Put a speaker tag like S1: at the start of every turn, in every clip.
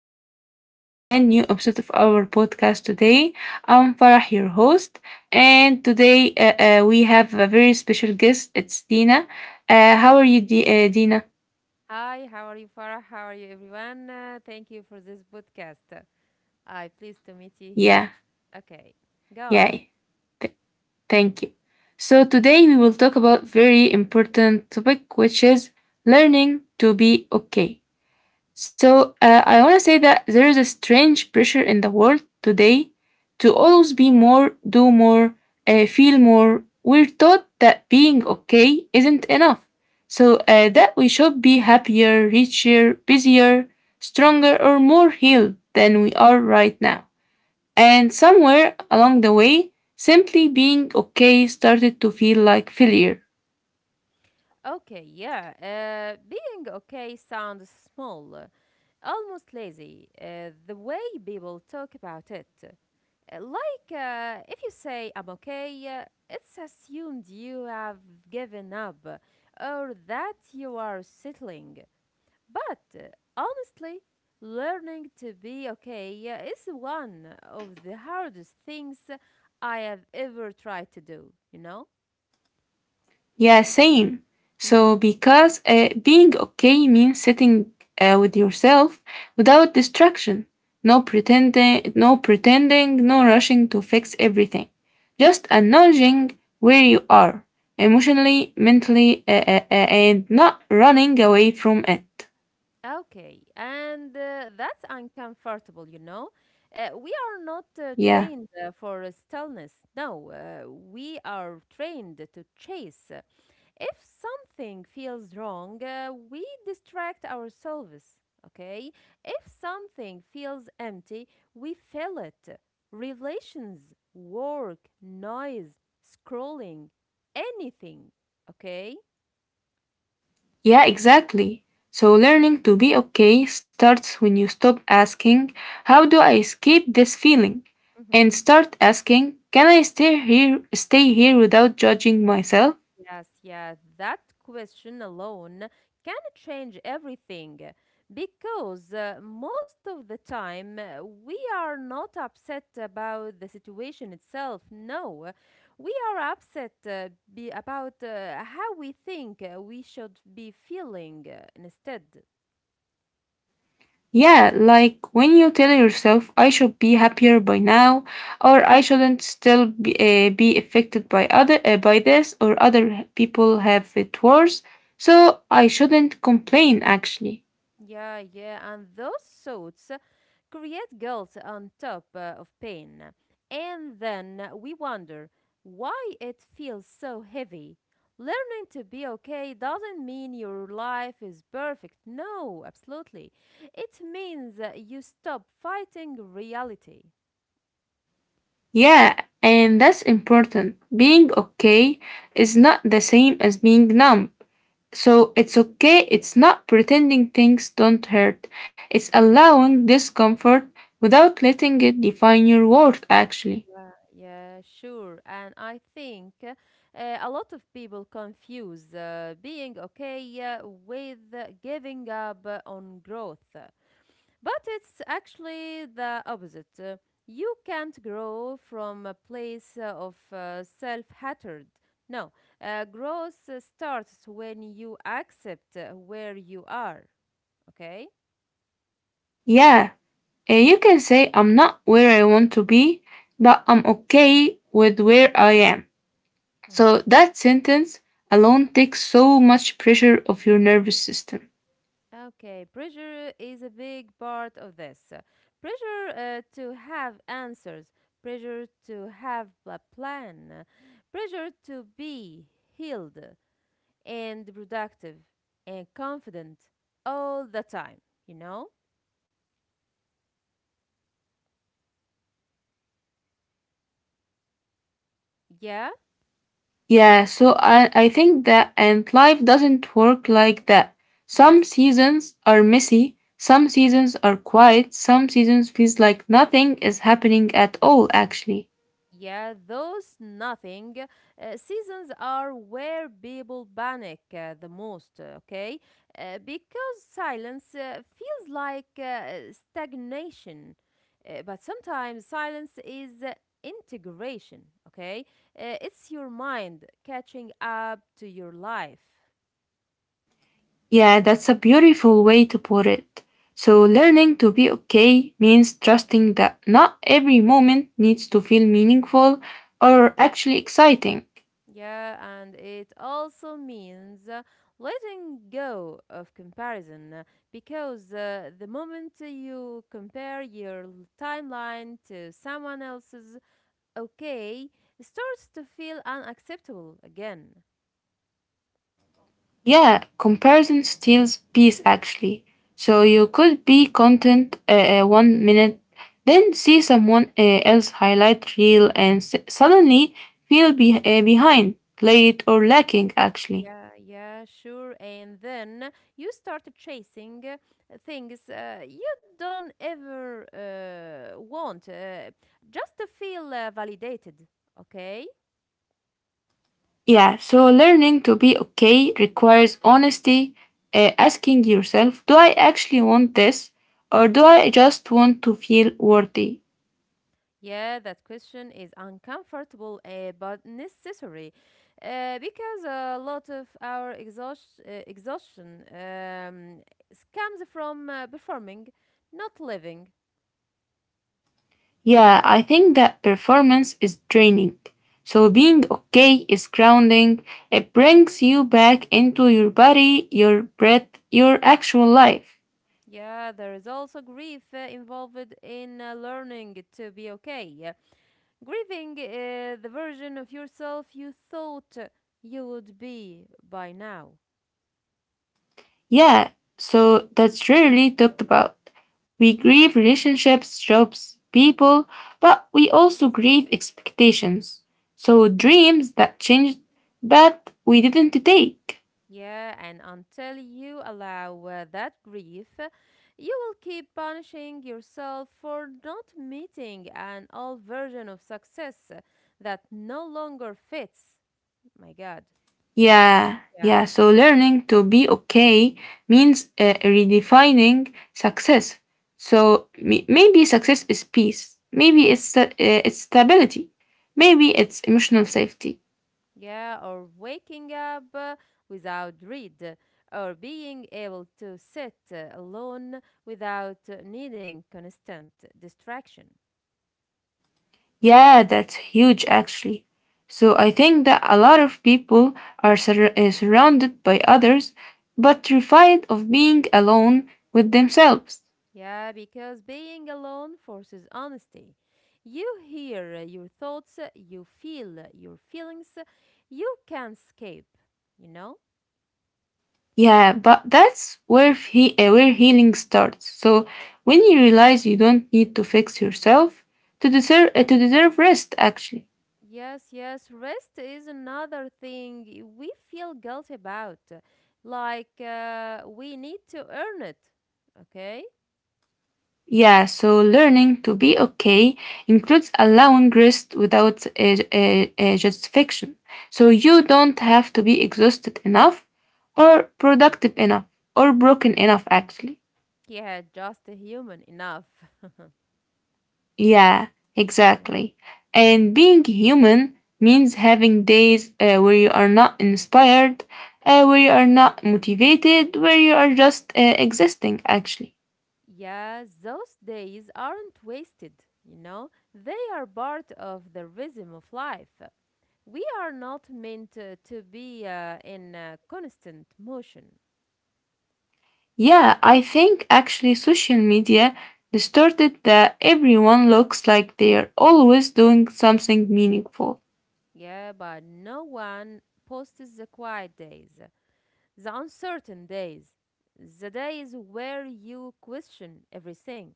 S1: to a brand new episode of our podcast today. I'm Farah, your host, and today we have a very special guest. It's Dina. How are you, Dina?
S2: Hi, how are you, Farah? How are you, everyone? Thank you for this podcast. I'm pleased to meet you
S1: Yeah,
S2: here. Okay, go on.
S1: yeah, Thank you. So today we will talk about very important topic, which is learning to be okay. I want to say that there is a strange pressure in the world today to always be more, do more, feel more. We're taught that being okay isn't enough. So that we should be happier, richer, busier, stronger, or more healed than we are right now. And somewhere along the way, simply being okay started to feel like failure.
S2: Okay, yeah. Being okay sounds small, almost lazy. The way people talk about it, like, if you say I'm okay, it's assumed you have given up or that you are settling. But honestly, learning to be okay is one of the hardest things I have ever tried to do, you know?
S1: Yeah, same.
S2: Mm-hmm.
S1: So, because being okay means sitting with yourself without distraction, no pretending, no rushing to fix everything, just acknowledging where you are emotionally, mentally, and not running away from it.
S2: Okay, and that's uncomfortable, you know. We are not
S1: Yeah.
S2: trained for stillness. No, we are trained to chase. If something feels wrong, we distract ourselves, okay? If something feels empty, we fill it. Relations, work, noise, scrolling, anything, okay?
S1: Yeah, exactly. So learning to be okay starts when you stop asking, how do I escape this feeling? And start asking, can I stay here without judging myself?
S2: Yes, yeah, that question alone can change everything because most of the time we are not upset about the situation itself. No, we are upset be about how we think we should be feeling instead.
S1: Yeah, like when you tell yourself I should be happier by now or I shouldn't still be affected by other by this, or other people have it worse, so I shouldn't complain actually.
S2: Yeah, yeah, and those suits create guilt on top of pain. And then we wonder why it feels so heavy. Learning to be okay doesn't mean your life is perfect. No, absolutely. It means that you stop fighting reality.
S1: Yeah, and that's important. Being okay is not the same as being numb. So it's okay, it's not pretending things don't hurt. It's allowing discomfort without letting it define your worth, actually.
S2: Yeah, sure. And I think a lot of people confuse being okay with giving up on growth. But it's actually the opposite. You can't grow from a place of self hatred. No, growth starts when you accept where you are. Okay?
S1: Yeah, you can say, I'm not where I want to be, but I'm okay with where I am.
S2: hmm
S1: So that sentence alone takes so much pressure off your nervous system.
S2: Okay, pressure is a big part of this. Pressure to have answers, pressure to have a plan, pressure to be healed, and productive and confident all the time, you know? Yeah?
S1: Yeah, so I think that, and life doesn't work like that. Some
S2: Yes.
S1: seasons are messy, some seasons are quiet, some seasons feels like nothing is happening at all, actually.
S2: Yeah, those nothing seasons are where people panic the most, okay? Because silence feels like stagnation. But sometimes silence is integration, okay? It's your mind catching up to your life.
S1: Yeah, that's a beautiful way to put it. So learning to be okay means trusting that not every moment needs to feel meaningful or actually exciting.
S2: Yeah, and it also means letting go of comparison because the moment you compare your timeline to someone else's, okay, it starts to feel unacceptable again.
S1: Yeah, comparison steals peace actually. So you
S2: Mhm.
S1: could be content one minute, then see someone else highlight reel and suddenly feel behind, late, or lacking actually.
S2: Yeah, yeah, sure. And then you start chasing things you don't ever want, just to feel validated, okay?
S1: Yeah, so learning to be okay requires honesty, asking yourself, do I actually want this, or do I just want to feel worthy?
S2: Yeah, that question is uncomfortable but necessary because a lot of our exhaustion comes from performing, not living.
S1: Yeah, I think that performance is draining. So being okay is grounding. It brings you back into your body, your breath, your actual life.
S2: Yeah, there is also grief involved in learning to be okay. Yeah. Grieving the version of yourself you thought you would be by now.
S1: Yeah, so that's rarely talked about. We grieve relationships, jobs, people, but we also grieve expectations. So dreams that changed, but we didn't take.
S2: Yeah, and until you allow that grief, you will keep punishing yourself for not meeting an old version of success that no longer fits. My God.
S1: Yeah,
S2: Yeah.
S1: yeah. So learning to be okay means redefining success. So maybe success is peace. Maybe it's stability. Maybe it's emotional safety.
S2: Yeah, or waking up without dread, or being able to sit alone without needing constant distraction.
S1: Yeah, that's huge actually. So I
S2: Mm-hmm.
S1: think that a lot of people are surrounded by others, but terrified of being alone with themselves.
S2: Yeah, because being alone forces honesty. You hear your thoughts, you feel your feelings, you can't escape, you know?
S1: Yeah, but that's where he where healing starts. So when you realize you don't need to fix yourself to deserve rest, actually.
S2: Yes, yes, rest is another thing we feel guilty about. Uh, like we need to earn it, okay?
S1: Yeah, so learning to be okay includes allowing rest without a justification. So you don't have to be exhausted enough, or productive enough, or broken enough, actually.
S2: Yeah, just a human enough.
S1: Yeah,
S2: Yeah.
S1: exactly. And
S2: Mhm.
S1: being human means having days where you are not inspired, where you are not motivated, where you are just existing, actually.
S2: Yes, those days aren't wasted, you know, they are part of the rhythm of life. We are not meant to be in constant motion.
S1: Yeah, I think actually social media distorted that everyone looks like they are always doing something meaningful.
S2: Yeah, but no one posts the quiet days, the uncertain days, the days where you question everything.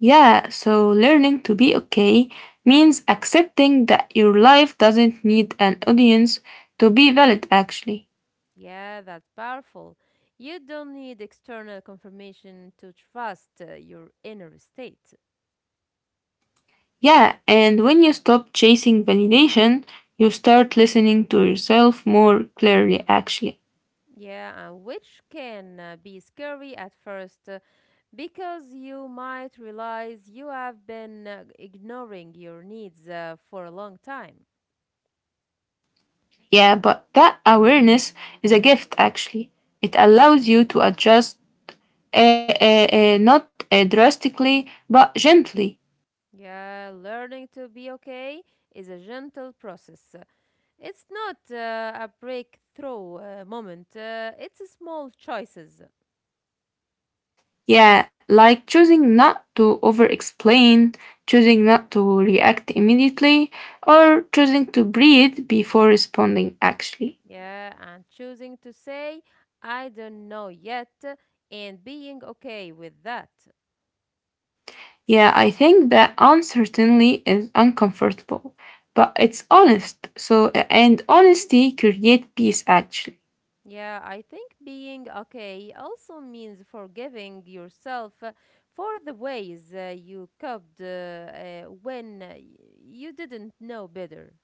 S1: Yeah, so learning to be okay means accepting that your life doesn't need an audience to be valid, actually.
S2: Yeah, that's powerful. You don't need external confirmation to trust your inner state.
S1: Yeah, and when you stop chasing validation, you start listening to yourself more clearly, actually.
S2: Yeah, and which can be scary at first because you might realize you have been ignoring your needs for a long time.
S1: Yeah, but that awareness is a gift, actually. It allows you to adjust, not drastically, but gently.
S2: Yeah, learning to be okay is a gentle process. It's not a breakthrough moment, it's small choices.
S1: Yeah, like choosing not to over explain, choosing not to react immediately, or choosing to breathe before responding, actually.
S2: Yeah, and choosing to say, I don't know yet, and being okay with that.
S1: Yeah, I think that uncertainty is uncomfortable, but it's honest. So, and honesty creates peace actually.
S2: Yeah, I think being okay also means forgiving yourself for the ways you coped when you didn't know better.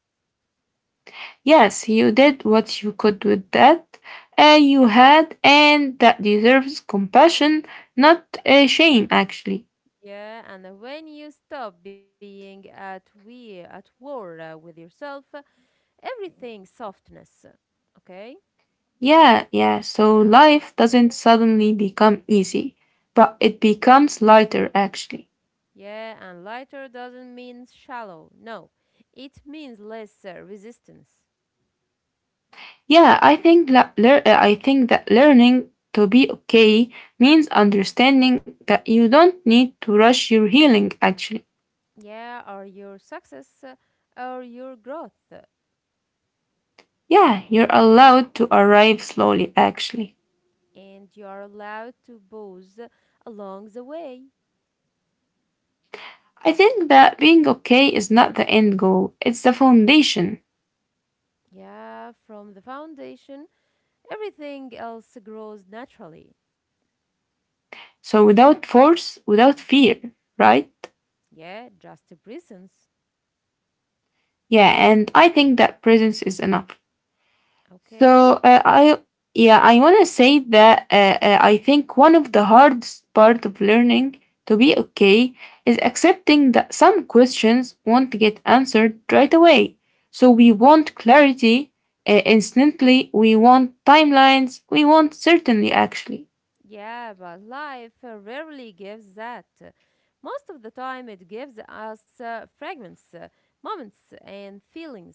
S1: Yes, you did what you could with that you had, and that deserves compassion, not shame actually.
S2: Yeah, and when you stop being at we at war with yourself, everything softness. Okay?
S1: Yeah, yeah, so
S2: Yeah.
S1: life doesn't suddenly become easy, but it becomes lighter actually.
S2: Yeah, and lighter doesn't mean shallow. No. It means less resistance.
S1: Yeah, I think that learning to be okay means understanding that you don't need to rush your healing actually.
S2: Yeah, or your success, or your growth.
S1: Yeah, you're allowed to arrive slowly actually.
S2: And you are allowed to pause along the way.
S1: I think that being okay is not the end goal, it's the foundation.
S2: Yeah, from the foundation, everything else grows naturally.
S1: So without force, without fear, right?
S2: Yeah, just presence.
S1: Yeah, and I think that presence is enough.
S2: Okay?
S1: So uh, I yeah, I want to say that I think one of the hardest part of learning to be okay is accepting that some questions won't get answered right away. So
S2: Mm-hmm.
S1: we want clarity instantly, we want timelines, we want certainty actually.
S2: Yeah, but life rarely gives that. Most of the time, it gives us fragments, moments, and feelings.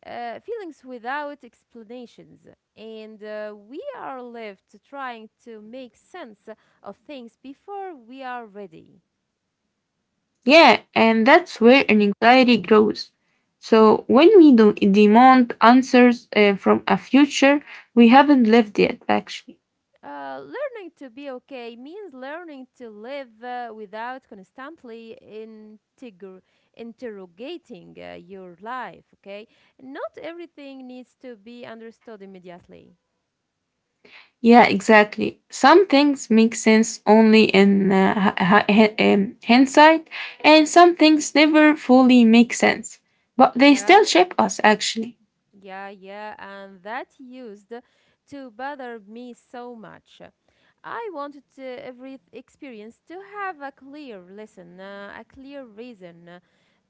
S2: Feelings without explanations. And we are left trying to make sense of things before we are ready.
S1: Yeah, and that's where an anxiety grows. So when we do demand answers from a future we haven't lived yet actually.
S2: Learning to be okay means learning to live without constantly interrogating your life, okay? Not everything needs to be understood immediately.
S1: Yeah, exactly. Some things make sense only in hindsight, and some things never fully make sense, but they
S2: Yeah.
S1: still shape us actually.
S2: Yeah, yeah, and that used to bother me so much. I wanted every experience to have a clear lesson, a clear reason.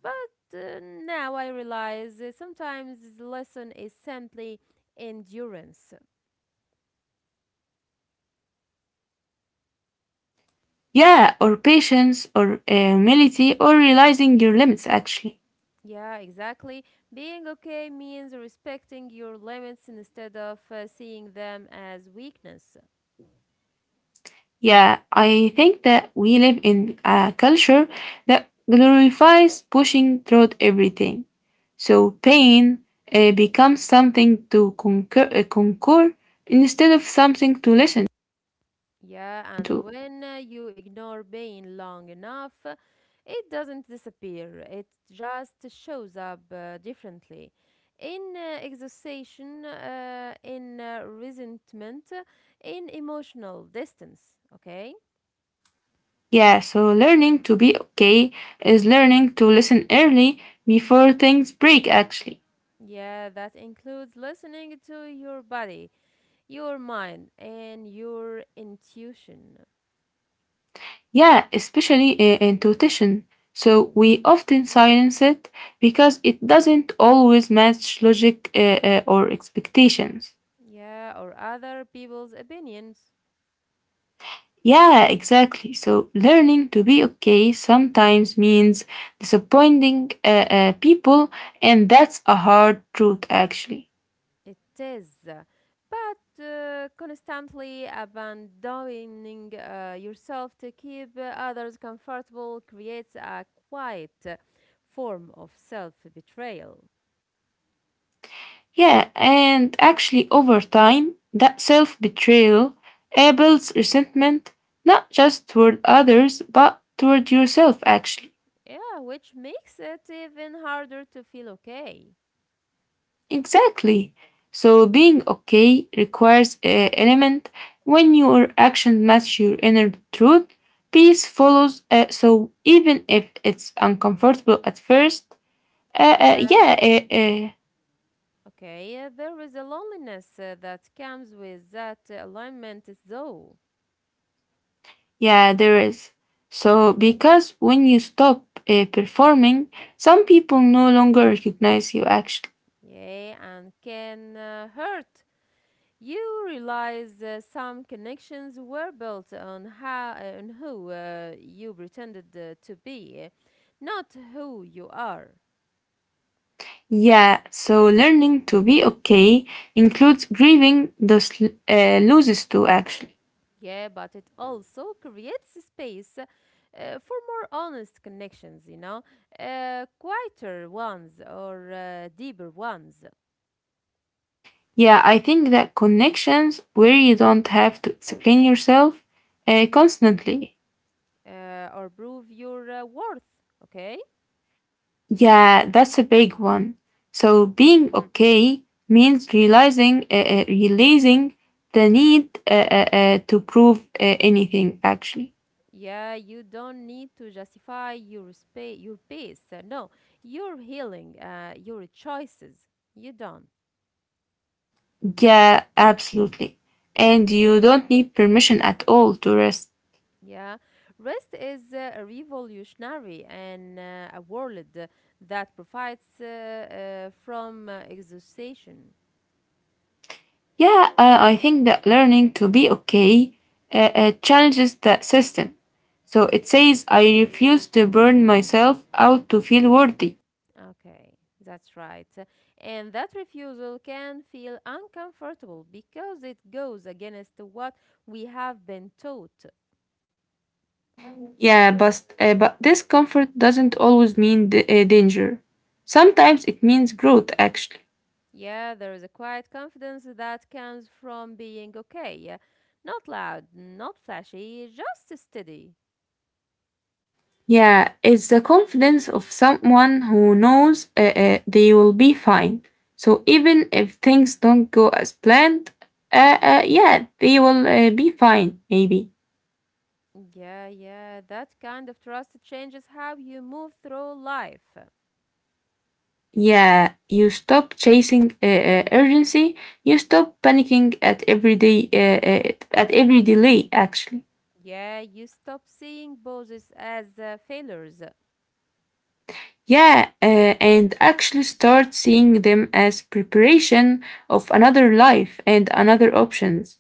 S2: But now I realize sometimes the lesson is simply endurance.
S1: Yeah, or patience, or humility, or realizing your limits actually.
S2: Yeah, exactly. Being okay means respecting your limits instead of seeing them as weakness.
S1: Yeah, I think that we live in a culture that glorifies pushing through everything. So pain becomes something to conquer, instead of something to listen
S2: Yeah, and
S1: to.
S2: when you ignore pain long enough, it doesn't disappear. It just shows up differently. In exhaustion, in resentment, in emotional distance. Okay?
S1: Yeah, so learning to be okay is learning to listen early before things break, actually.
S2: Yeah, that includes listening to your body, your mind, and your intuition.
S1: Yeah, especially in intuition. So we often silence it because it doesn't always match logic or expectations.
S2: Yeah, or other people's opinions.
S1: Yeah, exactly. So learning to be okay sometimes means disappointing people, and that's a hard truth, actually.
S2: It is, but constantly abandoning yourself to keep others comfortable creates a quiet form of self betrayal.
S1: Yeah, and actually, over time, that self betrayal builds resentment not just toward others, but toward yourself, actually.
S2: Yeah, which makes it even harder to feel okay.
S1: Exactly. So, being okay requires an element when your actions match your inner truth, peace follows. So, even if it's uncomfortable at first, uh, uh,
S2: Yeah,
S1: yeah, uh, uh,
S2: okay. There is a loneliness that comes with that alignment, though.
S1: yeah, there is. So, because when you stop performing, some people no longer recognize you actually.
S2: Yeah, and can hurt. You realize some connections were built on how, on who you pretended to be, not who you are.
S1: Yeah, so learning to be okay includes grieving those losses too, actually.
S2: Yeah, but it also creates space for more honest connections, you know, quieter ones or deeper ones,
S1: Yeah, I think that connections where you don't have to explain yourself constantly.
S2: or prove your worth. Okay.
S1: Yeah, that's a big one.
S2: Mm-hmm.
S1: So being okay means releasing the need to prove anything, actually.
S2: Yeah, you don't need to justify your space, your pace. No, your healing, your choices. You don't.
S1: Yeah, absolutely. And you don't need permission at all to rest.
S2: Yeah, rest is a revolutionary and a world that provides from exhaustion.
S1: Yeah, I think that learning to be okay challenges that system. So it says, I refuse to burn myself out to feel worthy.
S2: Okay, that's right. And that refusal can feel uncomfortable because it goes against what we have been taught.
S1: Yeah, but this comfort doesn't always mean danger. Sometimes it means growth, actually.
S2: Yeah, there is a quiet confidence that comes from being okay. Not loud, not flashy, just steady.
S1: Yeah, it's the confidence of someone who knows they will be fine. So even if things don't go as planned, yeah, they will be fine, maybe.
S2: Yeah, yeah, that kind of trust changes how you move through life.
S1: Yeah, you stop chasing urgency. You stop panicking at every day, at every delay, actually.
S2: Yeah, you stop seeing poses as failures.
S1: Yeah, and actually start seeing them as preparation of another life and another options.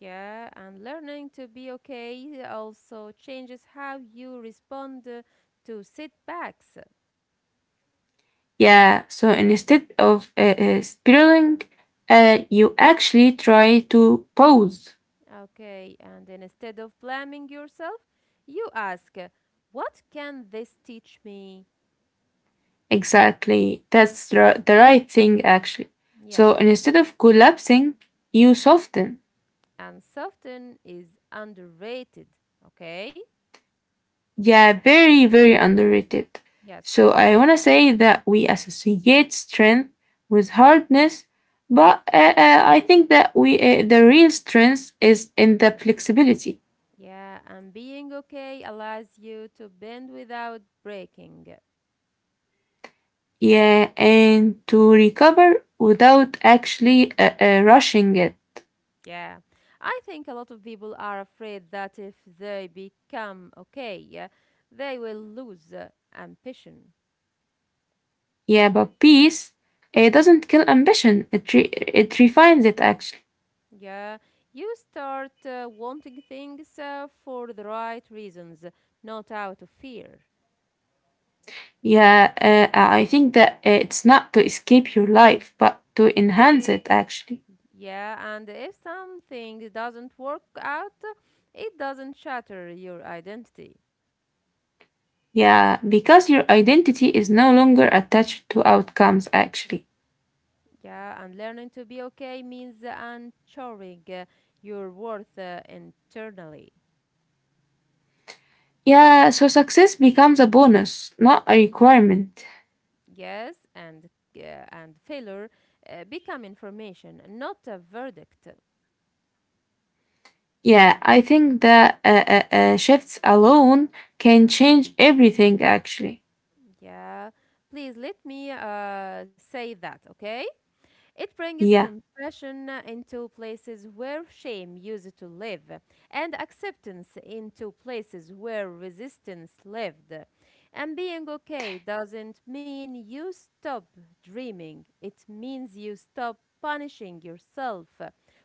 S2: Yeah, and learning to be okay also changes how you respond to setbacks.
S1: Yeah, so instead of spiraling, you actually try to pause.
S2: Okay, and then instead of blaming yourself, you ask, what can this teach me?
S1: Exactly, that's the right thing actually. So
S2: Yes,
S1: instead of collapsing, you soften.
S2: and soften is underrated. Okay?
S1: Yeah, very, very underrated.
S2: Yes.
S1: So I want to say that we associate strength with hardness, but I think that we the real strength is in the flexibility.
S2: Yeah, and being okay allows you to bend without breaking.
S1: Yeah, and to recover without actually rushing it.
S2: Yeah, I think a lot of people are afraid that if they become okay, they will lose ambition.
S1: Yeah, but peace it doesn't kill ambition. It refines it actually.
S2: Yeah, you start wanting things for the right reasons, not out of fear.
S1: Yeah, I think that it's not to escape your life, but to enhance it actually.
S2: Yeah, and if something doesn't work out, it doesn't shatter your identity.
S1: Yeah, because your identity is no longer attached to outcomes, actually.
S2: Yeah, and learning to be okay means ensuring your worth internally.
S1: Yeah, so success becomes a bonus, not a requirement.
S2: Yes, uh, and failure become information, not a verdict.
S1: Yeah, I think that shifts alone can change everything, actually.
S2: Yeah, please let me say that, okay? It brings
S1: Yeah,
S2: compassion into places where shame used to live, and acceptance into places where resistance lived. And being okay doesn't mean you stop dreaming, it means you stop punishing yourself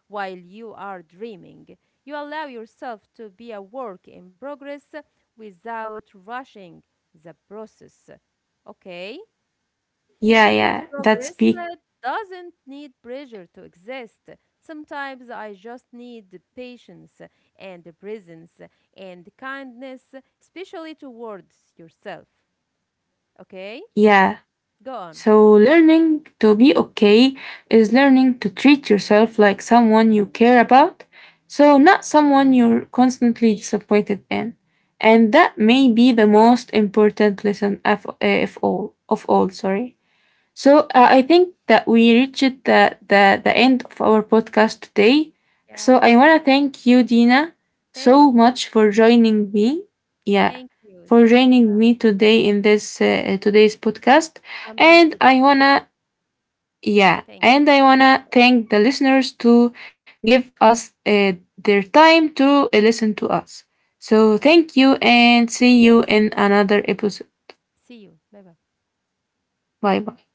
S2: while you are dreaming. You allow yourself to be a work in progress without rushing the process. Okay? Because
S1: yeah, that's
S2: progress
S1: big.
S2: doesn't need pressure to exist. Sometimes I just need the patience and the presence and kindness, especially towards yourself. Okay?
S1: Yeah.
S2: Go on.
S1: So, learning to be okay is learning to treat yourself like someone you care about, so not someone you're constantly disappointed in. And that may be the most important lesson of all. Of all, sorry. I think that we reached the end of our podcast today.
S2: Yeah,
S1: So I
S2: okay.
S1: want to thank you, Dina,
S2: Thank
S1: so
S2: you.
S1: much for joining me. Yeah,
S2: Thank you.
S1: for
S2: Thank you.
S1: joining me today in this today's podcast.
S2: I'm pleased to
S1: And
S2: be
S1: I
S2: here.
S1: wanna
S2: Thank you.
S1: yeah, and I wanna thank the listeners to give us their time to listen to us. So
S2: Oh,
S1: thank you and see you in another episode.
S2: see you. Bye bye.
S1: Bye bye.